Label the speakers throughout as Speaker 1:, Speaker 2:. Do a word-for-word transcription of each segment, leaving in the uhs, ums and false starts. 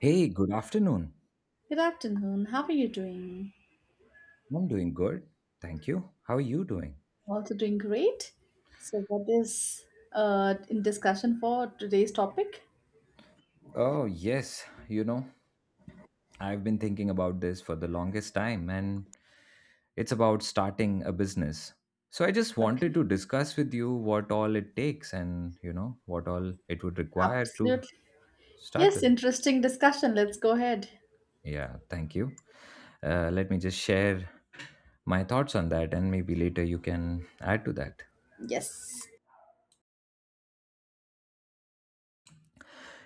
Speaker 1: Hey, good afternoon.
Speaker 2: Good afternoon. How are you doing?
Speaker 1: I'm doing good. Thank you. How are you doing?
Speaker 2: Also doing great. So, what is uh, in discussion for today's topic?
Speaker 1: Oh, yes. You know, I've been thinking about this for the longest time, and it's about starting a business. So I just wanted
Speaker 2: Okay,
Speaker 1: to discuss with you what all it takes and, you know, what all it would require to
Speaker 2: absolutely.
Speaker 1: start
Speaker 2: Yes,
Speaker 1: with.
Speaker 2: interesting discussion. Let's go ahead.
Speaker 1: Yeah, thank you. Uh, let me just share my thoughts on that, and maybe later you can add to that.
Speaker 2: Yes.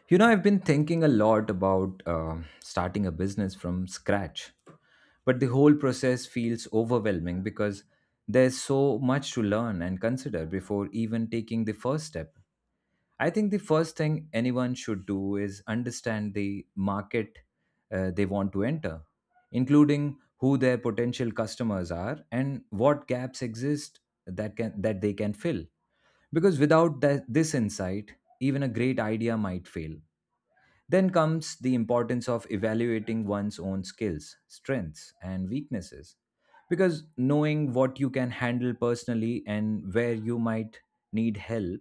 Speaker 1: You know, I've been thinking a lot about uh, starting a business from scratch, but the whole process feels overwhelming because there's so much to learn and consider before even taking the first step. I think the first thing anyone should do is understand the market uh, they want to enter, including who their potential customers are and what gaps exist that can that they can fill. Because without that, this insight, even a great idea might fail. Then comes the importance of evaluating one's own skills, strengths, and weaknesses. Because knowing what you can handle personally and where you might need help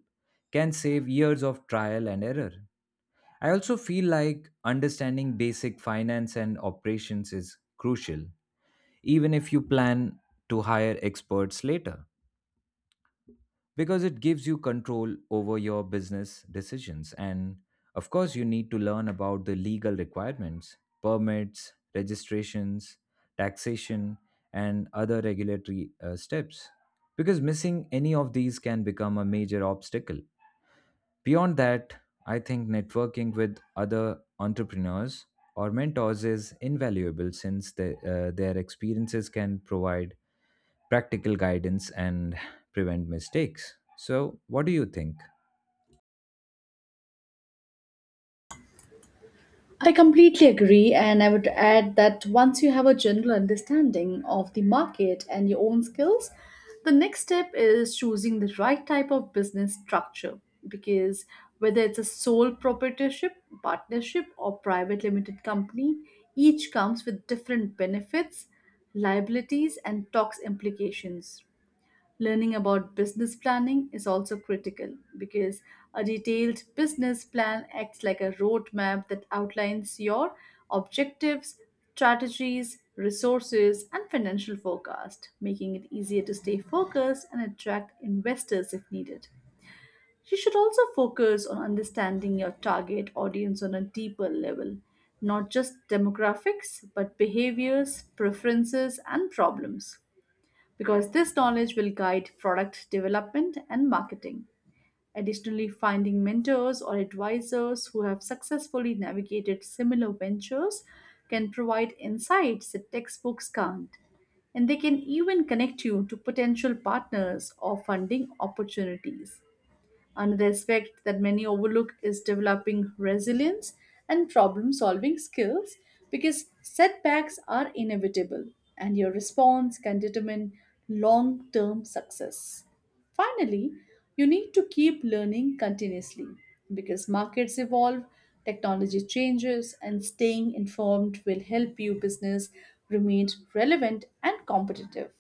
Speaker 1: can save years of trial and error. I also feel like understanding basic finance and operations is crucial, even if you plan to hire experts later because it gives you control over your business decisions. And of course, you need to learn about the legal requirements, permits, registrations, taxation, and other regulatory uh, steps because missing any of these can become a major obstacle. Beyond that, I think networking with other entrepreneurs or mentors is invaluable since the, uh, their experiences can provide practical guidance and prevent mistakes. So, what do you think?
Speaker 2: I completely agree, and I would add that once you have a general understanding of the market and your own skills, the next step is choosing the right type of business structure because whether it's a sole proprietorship, partnership, or private limited company, each comes with different benefits, liabilities, and tax implications. Learning about business planning is also critical because a detailed business plan acts like a roadmap that outlines your objectives, strategies, resources, and financial forecast, making it easier to stay focused and attract investors if needed. You should also focus on understanding your target audience on a deeper level, not just demographics, but behaviors, preferences, and problems because this knowledge will guide product development and marketing. Additionally, finding mentors or advisors who have successfully navigated similar ventures can provide insights that textbooks can't. And they can even connect you to potential partners or funding opportunities. Another aspect that many overlook is developing resilience and problem solving skills because setbacks are inevitable and your response can determine long term success. Finally, you need to keep learning continuously because markets evolve, technology changes, and staying informed will help your business remain relevant and competitive.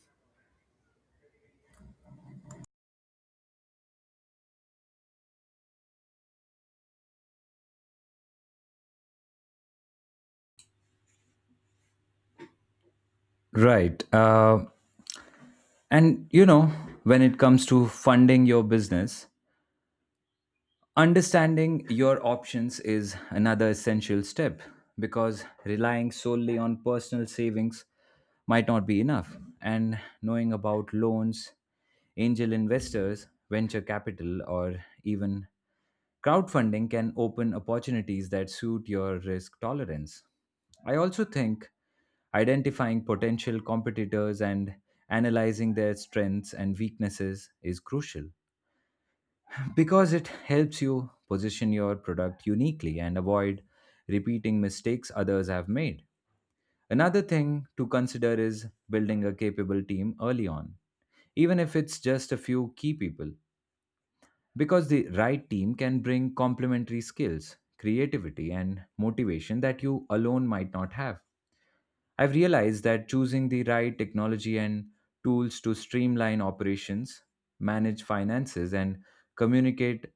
Speaker 1: Right. Uh, and you know, when it comes to funding your business, understanding your options is another essential step because relying solely on personal savings might not be enough. And knowing about loans, angel investors, venture capital, or even crowdfunding can open opportunities that suit your risk tolerance. I also think identifying potential competitors and analyzing their strengths and weaknesses is crucial because it helps you position your product uniquely and avoid repeating mistakes others have made. Another thing to consider is building a capable team early on, even if it's just a few key people. Because the right team can bring complementary skills, creativity, and motivation that you alone might not have. I've realized that choosing the right technology and tools to streamline operations, manage finances, and communicate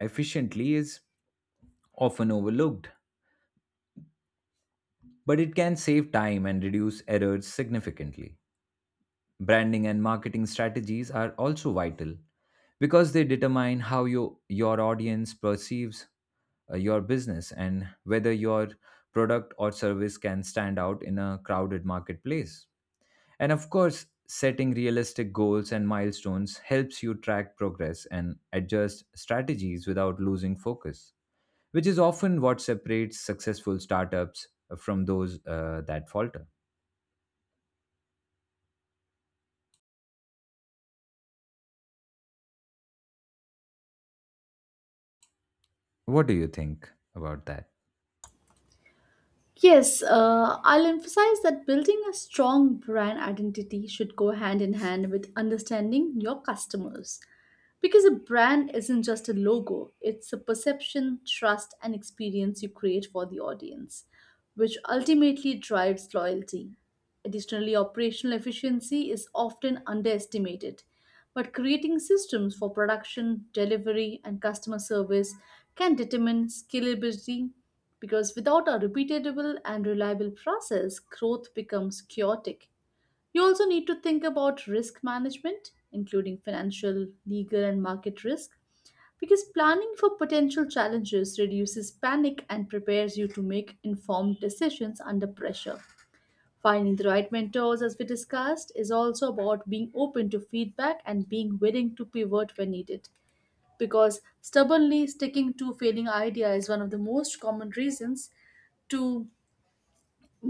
Speaker 1: efficiently is often overlooked, but it can save time and reduce errors significantly. Branding and marketing strategies are also vital because they determine how you, your audience perceives uh, your business and whether your product or service can stand out in a crowded marketplace. And of course, setting realistic goals and milestones helps you track progress and adjust strategies without losing focus, which is often what separates successful startups from those uh, that falter. What do you think about that?
Speaker 2: Yes, uh, I'll emphasize that building a strong brand identity should go hand in hand with understanding your customers. Because a brand isn't just a logo, it's a perception, trust, and experience you create for the audience, which ultimately drives loyalty. Additionally, operational efficiency is often underestimated, but creating systems for production, delivery, and customer service can determine scalability because without a repeatable and reliable process, growth becomes chaotic. You also need to think about risk management, including financial, legal, and market risk, because planning for potential challenges reduces panic and prepares you to make informed decisions under pressure. Finding the right mentors, as we discussed, is also about being open to feedback and being willing to pivot when needed. Because stubbornly sticking to failing idea is one of the most common reasons to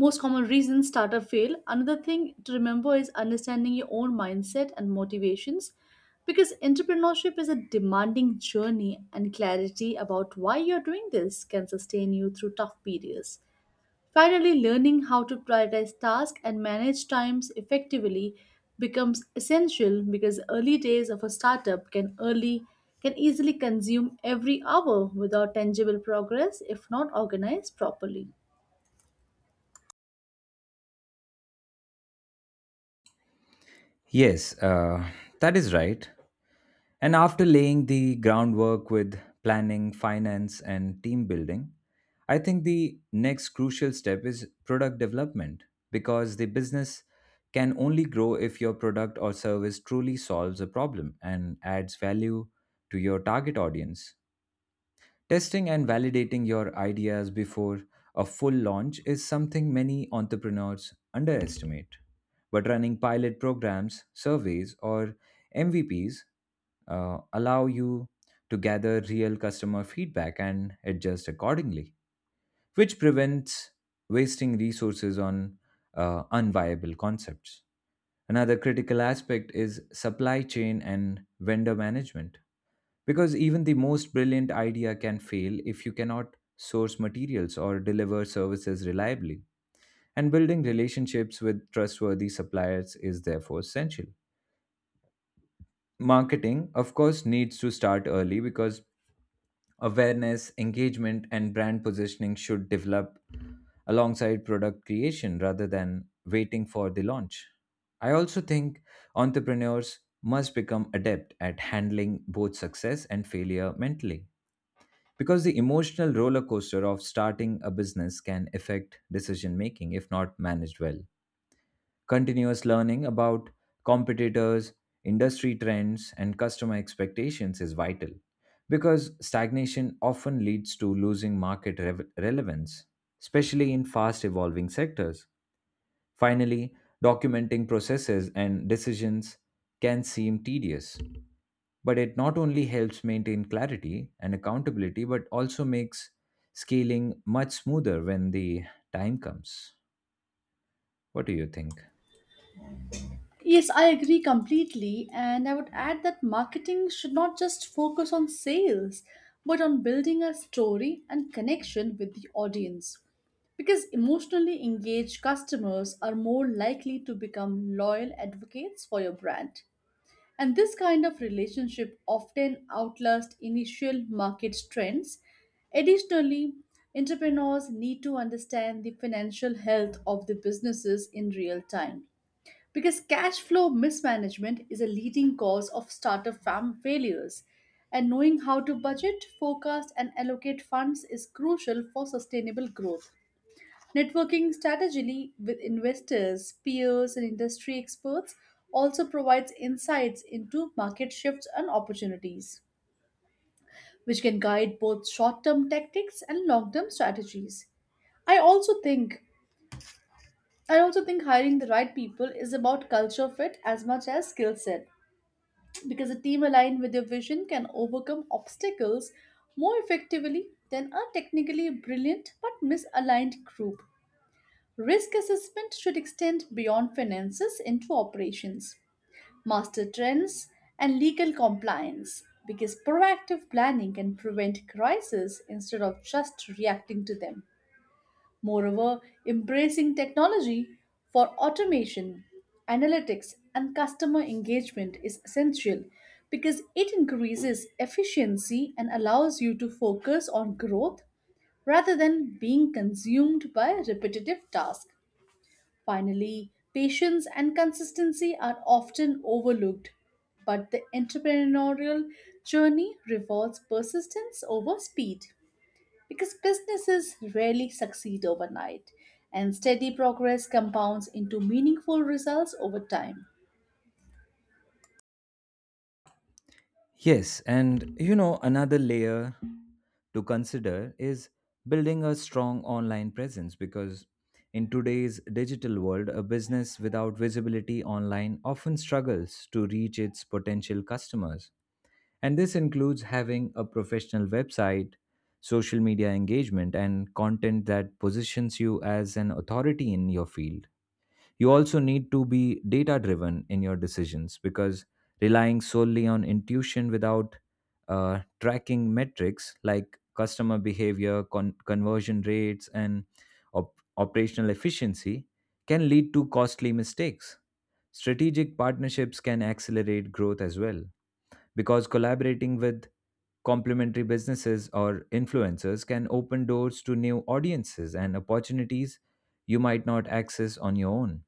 Speaker 2: most common reasons startup fail. Another thing to remember is understanding your own mindset and motivations because entrepreneurship is a demanding journey and clarity about why you're doing this can sustain you through tough periods. Finally, learning how to prioritize tasks and manage times effectively becomes essential because early days of a startup can early can easily consume every hour without tangible progress if not organized properly.
Speaker 1: Yes, uh, that is right. And after laying the groundwork with planning, finance, and team building, I think the next crucial step is product development because the business can only grow if your product or service truly solves a problem and adds value to your target audience. Testing and validating your ideas before a full launch is something many entrepreneurs underestimate. But running pilot programs, surveys, or M V Ps uh, allow you to gather real customer feedback and adjust accordingly, which prevents wasting resources on uh, unviable concepts. Another critical aspect is supply chain and vendor management because even the most brilliant idea can fail if you cannot source materials or deliver services reliably. And building relationships with trustworthy suppliers is therefore essential. Marketing, of course, needs to start early because awareness, engagement, and brand positioning should develop alongside product creation rather than waiting for the launch. I also think entrepreneurs must become adept at handling both success and failure mentally because the emotional roller coaster of starting a business can affect decision making if not managed well. Continuous learning about competitors, industry trends, and customer expectations is vital because stagnation often leads to losing market rev- relevance, especially in fast evolving sectors. Finally, documenting processes and decisions can seem tedious, but it not only helps maintain clarity and accountability, but also makes scaling much smoother when the time comes. What do you think?
Speaker 2: Yes, I agree completely. And I would add that marketing should not just focus on sales, but on building a story and connection with the audience. Because emotionally engaged customers are more likely to become loyal advocates for your brand. And this kind of relationship often outlasts initial market trends. Additionally, entrepreneurs need to understand the financial health of the businesses in real time because cash flow mismanagement is a leading cause of startup fam failures, and knowing how to budget, forecast, and allocate funds is crucial for sustainable growth. Networking strategically with investors, peers, and industry experts also provides insights into market shifts and opportunities, which can guide both short-term tactics and long-term strategies. I also think I also think hiring the right people is about culture fit as much as skill set because a team aligned with your vision can overcome obstacles more effectively than a technically brilliant but misaligned group. Risk assessment should extend beyond finances into operations, master trends, and legal compliance because proactive planning can prevent crises instead of just reacting to them. Moreover, embracing technology for automation, analytics, and customer engagement is essential because it increases efficiency and allows you to focus on growth rather than being consumed by repetitive tasks. Finally, patience and consistency are often overlooked, but the entrepreneurial journey rewards persistence over speed because businesses rarely succeed overnight, and steady progress compounds into meaningful results over time.
Speaker 1: Yes, and you know, another layer to consider is building a strong online presence because in today's digital world, a business without visibility online often struggles to reach its potential customers. And this includes having a professional website, social media engagement, and content that positions you as an authority in your field. You also need to be data driven in your decisions because relying solely on intuition without uh, tracking metrics like customer behavior, con- conversion rates, and op- operational efficiency can lead to costly mistakes. Strategic partnerships can accelerate growth as well because collaborating with complementary businesses or influencers can open doors to new audiences and opportunities you might not access on your own.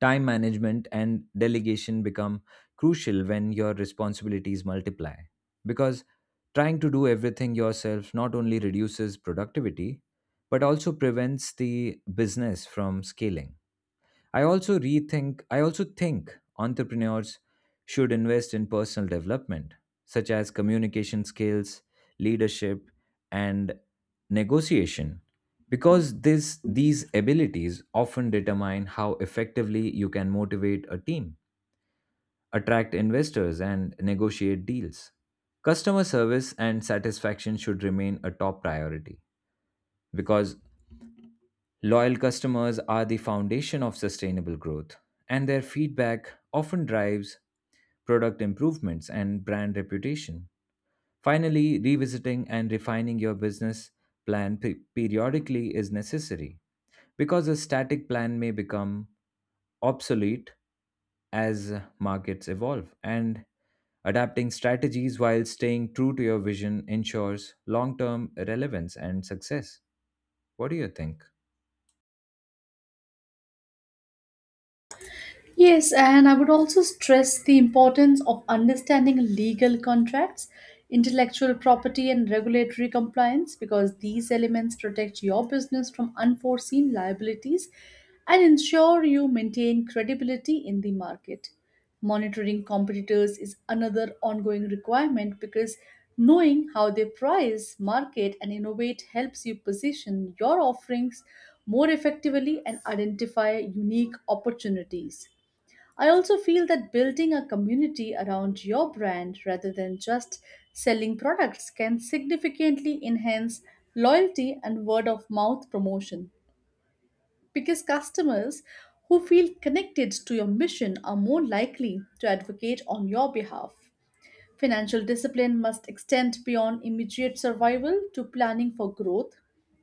Speaker 1: Time management and delegation become crucial when your responsibilities multiply because trying to do everything yourself not only reduces productivity but also prevents the business from scaling. I also rethink I also think entrepreneurs should invest in personal development such as communication skills, leadership and negotiation because this these abilities often determine how effectively you can motivate a team, attract investors and negotiate deals. Customer service and satisfaction should remain a top priority because loyal customers are the foundation of sustainable growth, and their feedback often drives product improvements and brand reputation. Finally, revisiting and refining your business plan pe- periodically is necessary because a static plan may become obsolete as markets evolve and adapting strategies while staying true to your vision ensures long-term relevance and success. What do you think?
Speaker 2: Yes, and I would also stress the importance of understanding legal contracts, intellectual property, and regulatory compliance because these elements protect your business from unforeseen liabilities and ensure you maintain credibility in the market. Monitoring competitors is another ongoing requirement because knowing how they price, market, and innovate helps you position your offerings more effectively and identify unique opportunities. I also feel that building a community around your brand rather than just selling products can significantly enhance loyalty and word of mouth promotion because customers who feel connected to your mission are more likely to advocate on your behalf. Financial discipline must extend beyond immediate survival to planning for growth,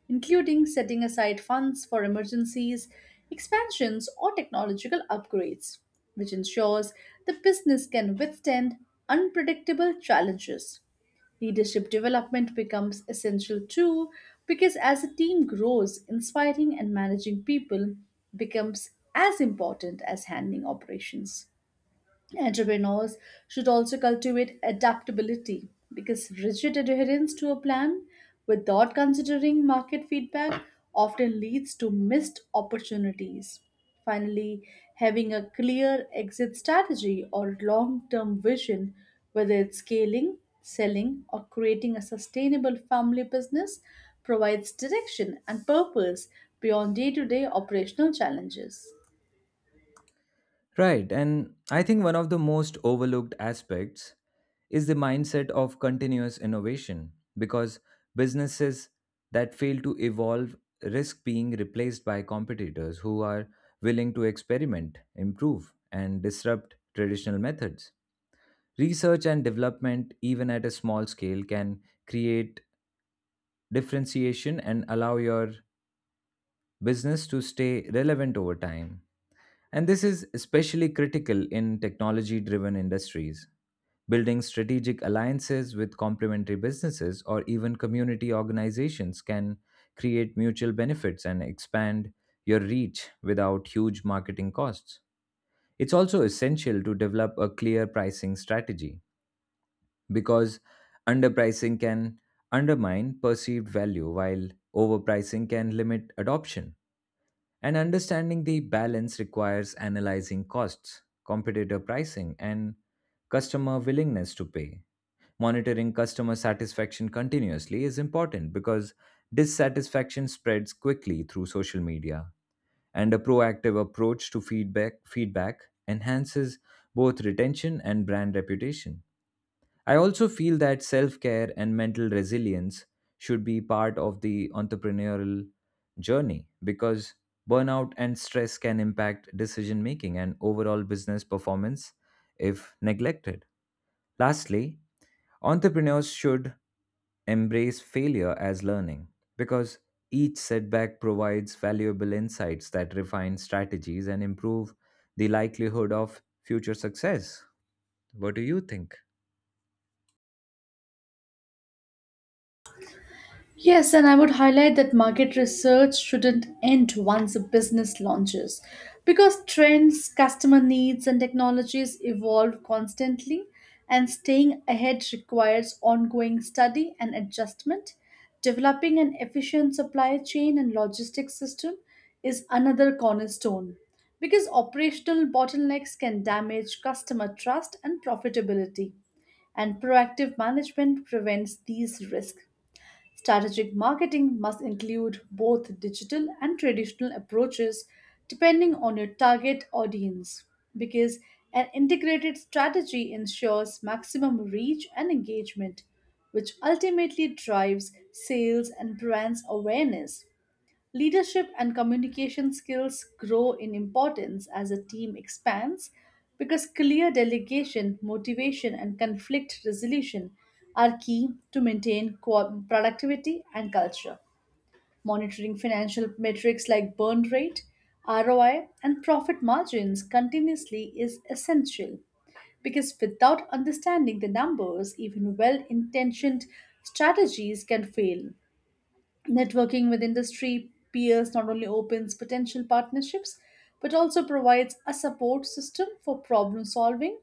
Speaker 2: including setting aside funds for emergencies, expansions, or technological upgrades, which ensures the business can withstand unpredictable challenges. Leadership development becomes essential too, because as a team grows, inspiring and managing people becomes as important as handling operations. Entrepreneurs should also cultivate adaptability because rigid adherence to a plan without considering market feedback often leads to missed opportunities. Finally, having a clear exit strategy or long term vision, whether it's scaling, selling, or creating a sustainable family business, provides direction and purpose beyond day to day operational challenges.
Speaker 1: Right, and I think one of the most overlooked aspects is the mindset of continuous innovation because businesses that fail to evolve risk being replaced by competitors who are willing to experiment, improve, and disrupt traditional methods. Research and development, even at a small scale, can create differentiation and allow your business to stay relevant over time. And this is especially critical in technology driven industries. Building strategic alliances with complementary businesses or even community organizations can create mutual benefits and expand your reach without huge marketing costs. It's also essential to develop a clear pricing strategy because underpricing can undermine perceived value while overpricing can limit adoption. And understanding the balance requires analyzing costs, competitor pricing, and customer willingness to pay. Monitoring customer satisfaction continuously is important because dissatisfaction spreads quickly through social media, and a proactive approach to feedback, feedback enhances both retention and brand reputation. I also feel that self care and mental resilience should be part of the entrepreneurial journey because burnout and stress can impact decision making and overall business performance if neglected. Lastly, entrepreneurs should embrace failure as learning because each setback provides valuable insights that refine strategies and improve the likelihood of future success. What do you think?
Speaker 2: Yes, and I would highlight that market research shouldn't end once a business launches because trends, customer needs, and technologies evolve constantly, and staying ahead requires ongoing study and adjustment. Developing an efficient supply chain and logistics system is another cornerstone because operational bottlenecks can damage customer trust and profitability and proactive management prevents these risks. Strategic marketing must include both digital and traditional approaches depending on your target audience because an integrated strategy ensures maximum reach and engagement, which ultimately drives sales and brands awareness. Leadership and communication skills grow in importance as a team expands because clear delegation, motivation, and conflict resolution are key to maintain co- productivity and culture. Monitoring financial metrics like burn rate, R O I, and profit margins continuously is essential because without understanding the numbers, even well intentioned strategies can fail. Networking with industry peers not only opens potential partnerships but also provides a support system for problem solving,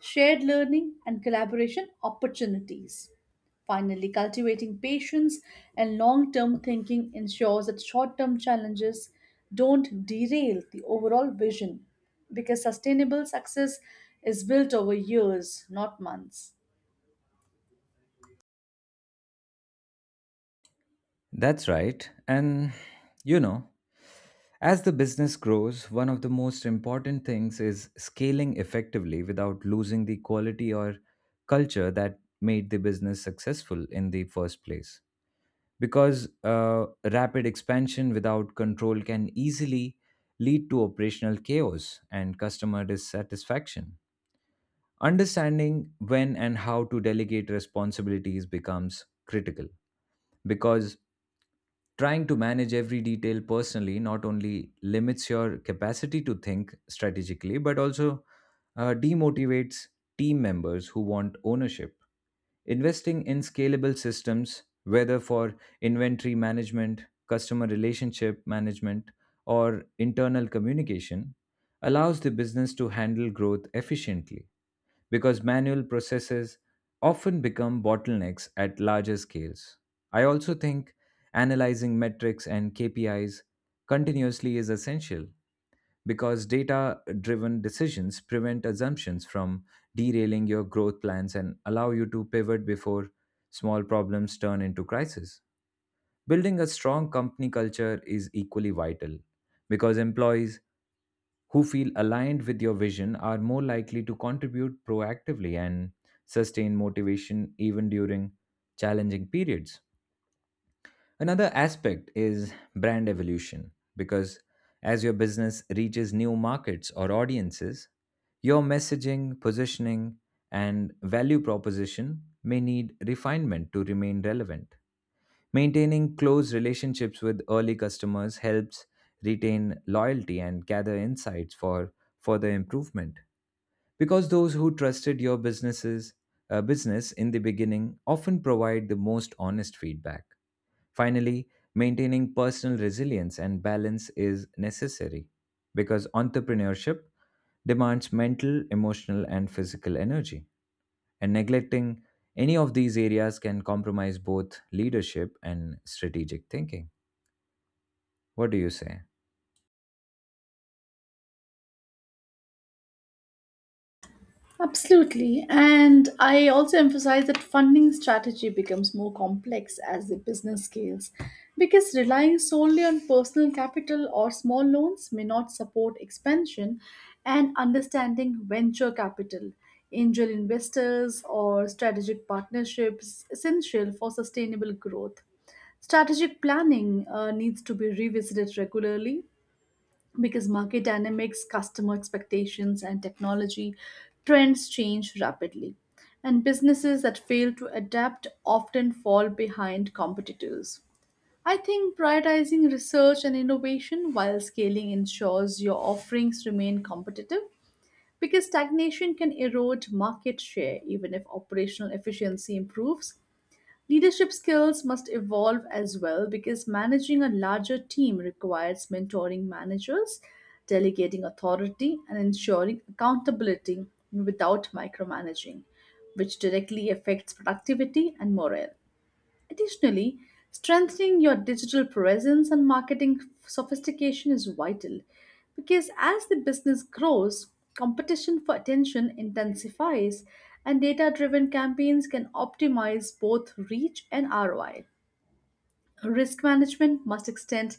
Speaker 2: shared learning, and collaboration opportunities. Finally, cultivating patience and long term thinking ensures that short term challenges don't derail the overall vision because sustainable success is built over years, not months.
Speaker 1: That's right. And you know, as the business grows, one of the most important things is scaling effectively without losing the quality or culture that made the business successful in the first place. Because uh, rapid expansion without control can easily lead to operational chaos and customer dissatisfaction. Understanding when and how to delegate responsibilities becomes critical because trying to manage every detail personally not only limits your capacity to think strategically, but also uh, demotivates team members who want ownership. Investing in scalable systems, whether for inventory management, customer relationship management, or internal communication, allows the business to handle growth efficiently because manual processes often become bottlenecks at larger scales. I also think analyzing metrics and K P Is continuously is essential because data driven decisions prevent assumptions from derailing your growth plans and allow you to pivot before small problems turn into crisis. Building a strong company culture is equally vital because employees who feel aligned with your vision are more likely to contribute proactively and sustain motivation even during challenging periods. Another aspect is brand evolution because as your business reaches new markets or audiences, your messaging, positioning, and value proposition may need refinement to remain relevant. Maintaining close relationships with early customers helps retain loyalty and gather insights for further improvement. Because those who trusted your businesses, uh, business in the beginning often provide the most honest feedback. Finally, maintaining personal resilience and balance is necessary because entrepreneurship demands mental, emotional, and physical energy. And neglecting any of these areas can compromise both leadership and strategic thinking. What do you say?
Speaker 2: Absolutely. And I also emphasize that funding strategy becomes more complex as the business scales because relying solely on personal capital or small loans may not support expansion and understanding venture capital, angel investors, or strategic partnerships is essential for sustainable growth. Strategic planning uh, needs to be revisited regularly because market dynamics, customer expectations, and technology trends change rapidly. And businesses that fail to adapt often fall behind competitors. I think prioritizing research and innovation while scaling ensures your offerings remain competitive because stagnation can erode market share even if operational efficiency improves. Leadership skills must evolve as well because managing a larger team requires mentoring managers, delegating authority, and ensuring accountability without micromanaging, which directly affects productivity and morale. Additionally, strengthening your digital presence and marketing sophistication is vital because as the business grows, competition for attention intensifies and data driven campaigns can optimize both reach and R O I. Risk management must extend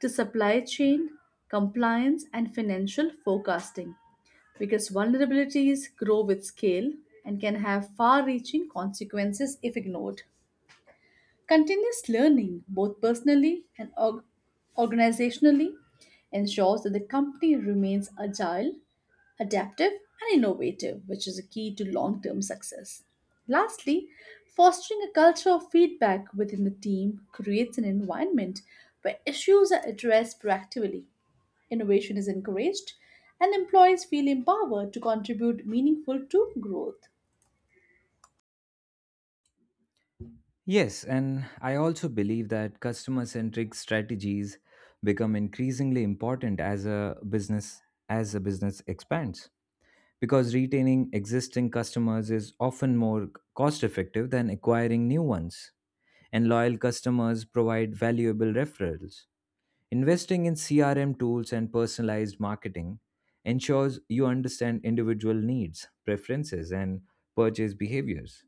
Speaker 2: to supply chain, compliance, and financial forecasting because vulnerabilities grow with scale and can have far reaching consequences if ignored. Continuous learning, both personally and org- organizationally, ensures that the company remains agile, adaptive, and innovative, which is a key to long term success. Lastly, fostering a culture of feedback within the team creates an environment where issues are addressed proactively, innovation is encouraged, and employees feel empowered to contribute meaningful to growth.
Speaker 1: Yes, and I also believe that customer centric strategies become increasingly important as a business as a business expands because retaining existing customers is often more cost effective than acquiring new ones and loyal customers provide valuable referrals. Investing in C R M tools and personalized marketing ensures you understand individual needs, preferences, and purchase behaviors,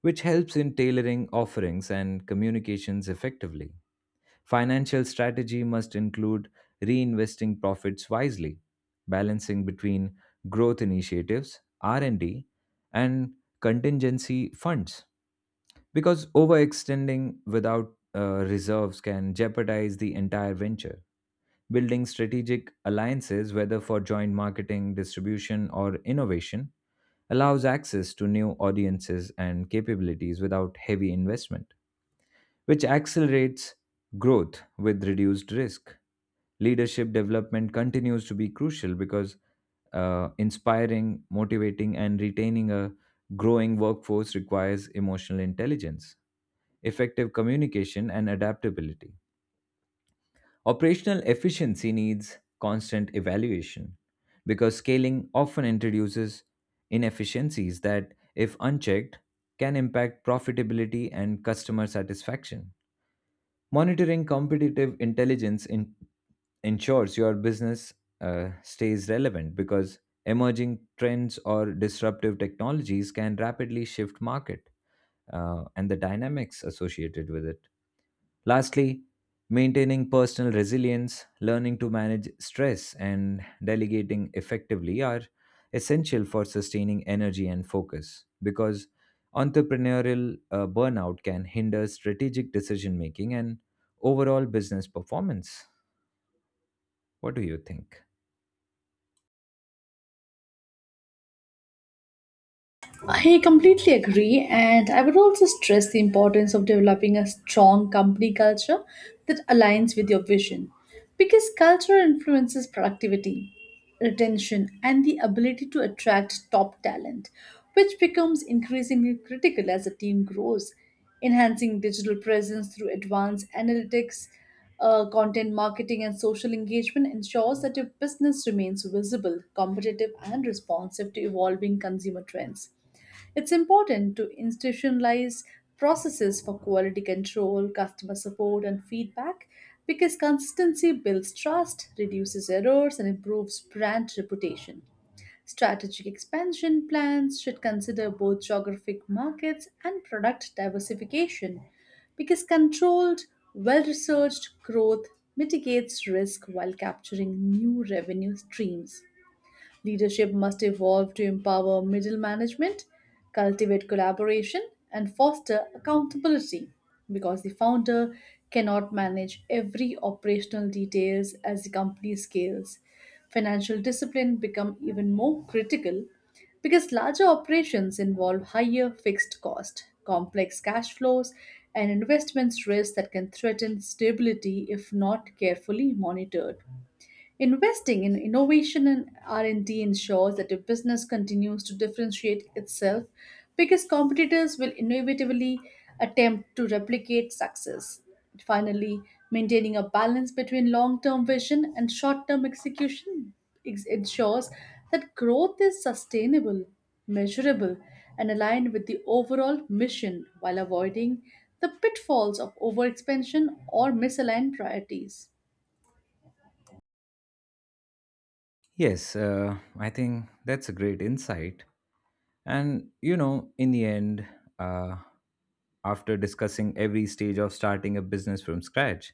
Speaker 1: which helps in tailoring offerings and communications effectively. Financial strategy must include reinvesting profits wisely, balancing between growth initiatives, R and D, and D, and contingency funds, because overextending without uh, reserves can jeopardize the entire venture. Building strategic alliances, whether for joint marketing, distribution, or innovation, allows access to new audiences and capabilities without heavy investment, which accelerates growth with reduced risk. Leadership development continues to be crucial because uh, inspiring, motivating, and retaining a growing workforce requires emotional intelligence, effective communication, and adaptability. Operational efficiency needs constant evaluation because scaling often introduces inefficiencies that, if unchecked, can impact profitability and customer satisfaction. Monitoring competitive intelligence in- ensures your business uh, stays relevant because emerging trends or disruptive technologies can rapidly shift market uh, and the dynamics associated with it. Lastly, maintaining personal resilience, learning to manage stress, and delegating effectively are essential for sustaining energy and focus because entrepreneurial uh, burnout can hinder strategic decision making and overall business performance. What do you think?
Speaker 2: I completely agree, and I would also stress the importance of developing a strong company culture that aligns with your vision. Because culture influences productivity, retention, and the ability to attract top talent, which becomes increasingly critical as the team grows. Enhancing digital presence through advanced analytics, uh, content marketing, and social engagement ensures that your business remains visible, competitive, and responsive to evolving consumer trends. It's important to institutionalize processes for quality control, customer support, and feedback because consistency builds trust, reduces errors, and improves brand reputation. Strategic expansion plans should consider both geographic markets and product diversification because controlled, well researched growth mitigates risk while capturing new revenue streams. Leadership must evolve to empower middle management, cultivate collaboration, and foster accountability because the founder cannot manage every operational details as the company scales. Financial discipline become even more critical because larger operations involve higher fixed cost, complex cash flows, and investments risk that can threaten stability if not carefully monitored. Investing in innovation and R and D ensures that your business continues to differentiate itself because competitors will inevitably attempt to replicate success. Finally, maintaining a balance between long-term vision and short-term execution ex- ensures that growth is sustainable, measurable, and aligned with the overall mission while avoiding the pitfalls of overexpansion or misaligned priorities.
Speaker 1: Yes, uh, I think that's a great insight. And, you know, in the end, uh, after discussing every stage of starting a business from scratch,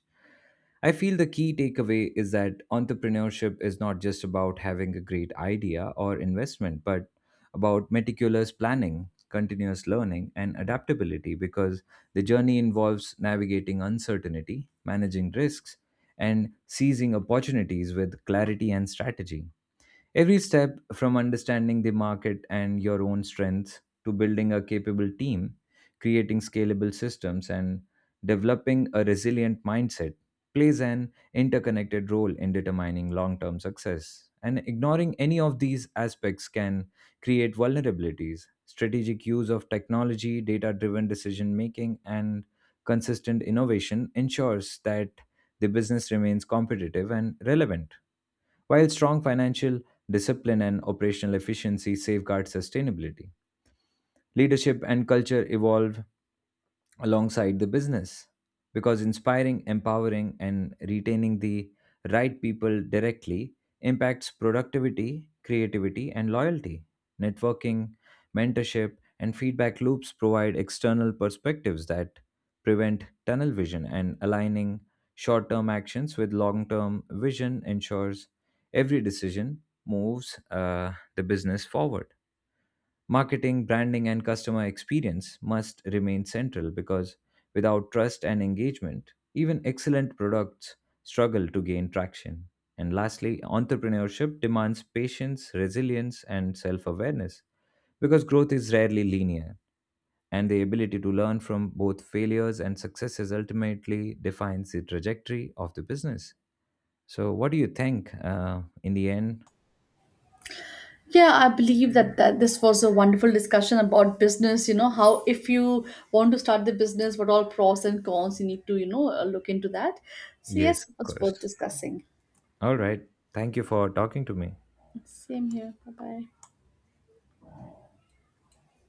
Speaker 1: I feel the key takeaway is that entrepreneurship is not just about having a great idea or investment, but about meticulous planning, continuous learning, and adaptability because the journey involves navigating uncertainty, managing risks, and seizing opportunities with clarity and strategy. Every step from understanding the market and your own strengths to building a capable team, creating scalable systems, and developing a resilient mindset plays an interconnected role in determining long term success. And ignoring any of these aspects can create vulnerabilities. Strategic use of technology, data driven decision making, and consistent innovation ensures that the business remains competitive and relevant while strong financial discipline and operational efficiency safeguard sustainability, leadership and culture evolve alongside the business because inspiring, empowering, and retaining the right people directly impacts productivity, creativity, and loyalty. Networking, mentorship, and feedback loops provide external perspectives that prevent tunnel vision and aligning short term actions with long term vision ensures every decision moves uh, the business forward. Marketing, branding, and customer experience must remain central because without trust and engagement, even excellent products struggle to gain traction. And lastly, entrepreneurship demands patience, resilience, and self awareness because growth is rarely linear, and the ability to learn from both failures and successes ultimately defines the trajectory of the business. So, what do you think uh, in the end?
Speaker 2: Yeah, I believe that, that this was a wonderful discussion about business. You know, how if you want to start the business, what all pros and cons you need to, you know, uh, look into that. So,
Speaker 1: Yes,
Speaker 2: yes, it
Speaker 1: of
Speaker 2: was worth
Speaker 1: course.
Speaker 2: discussing.
Speaker 1: All right. Thank you for talking to me.
Speaker 2: Same here. Bye bye.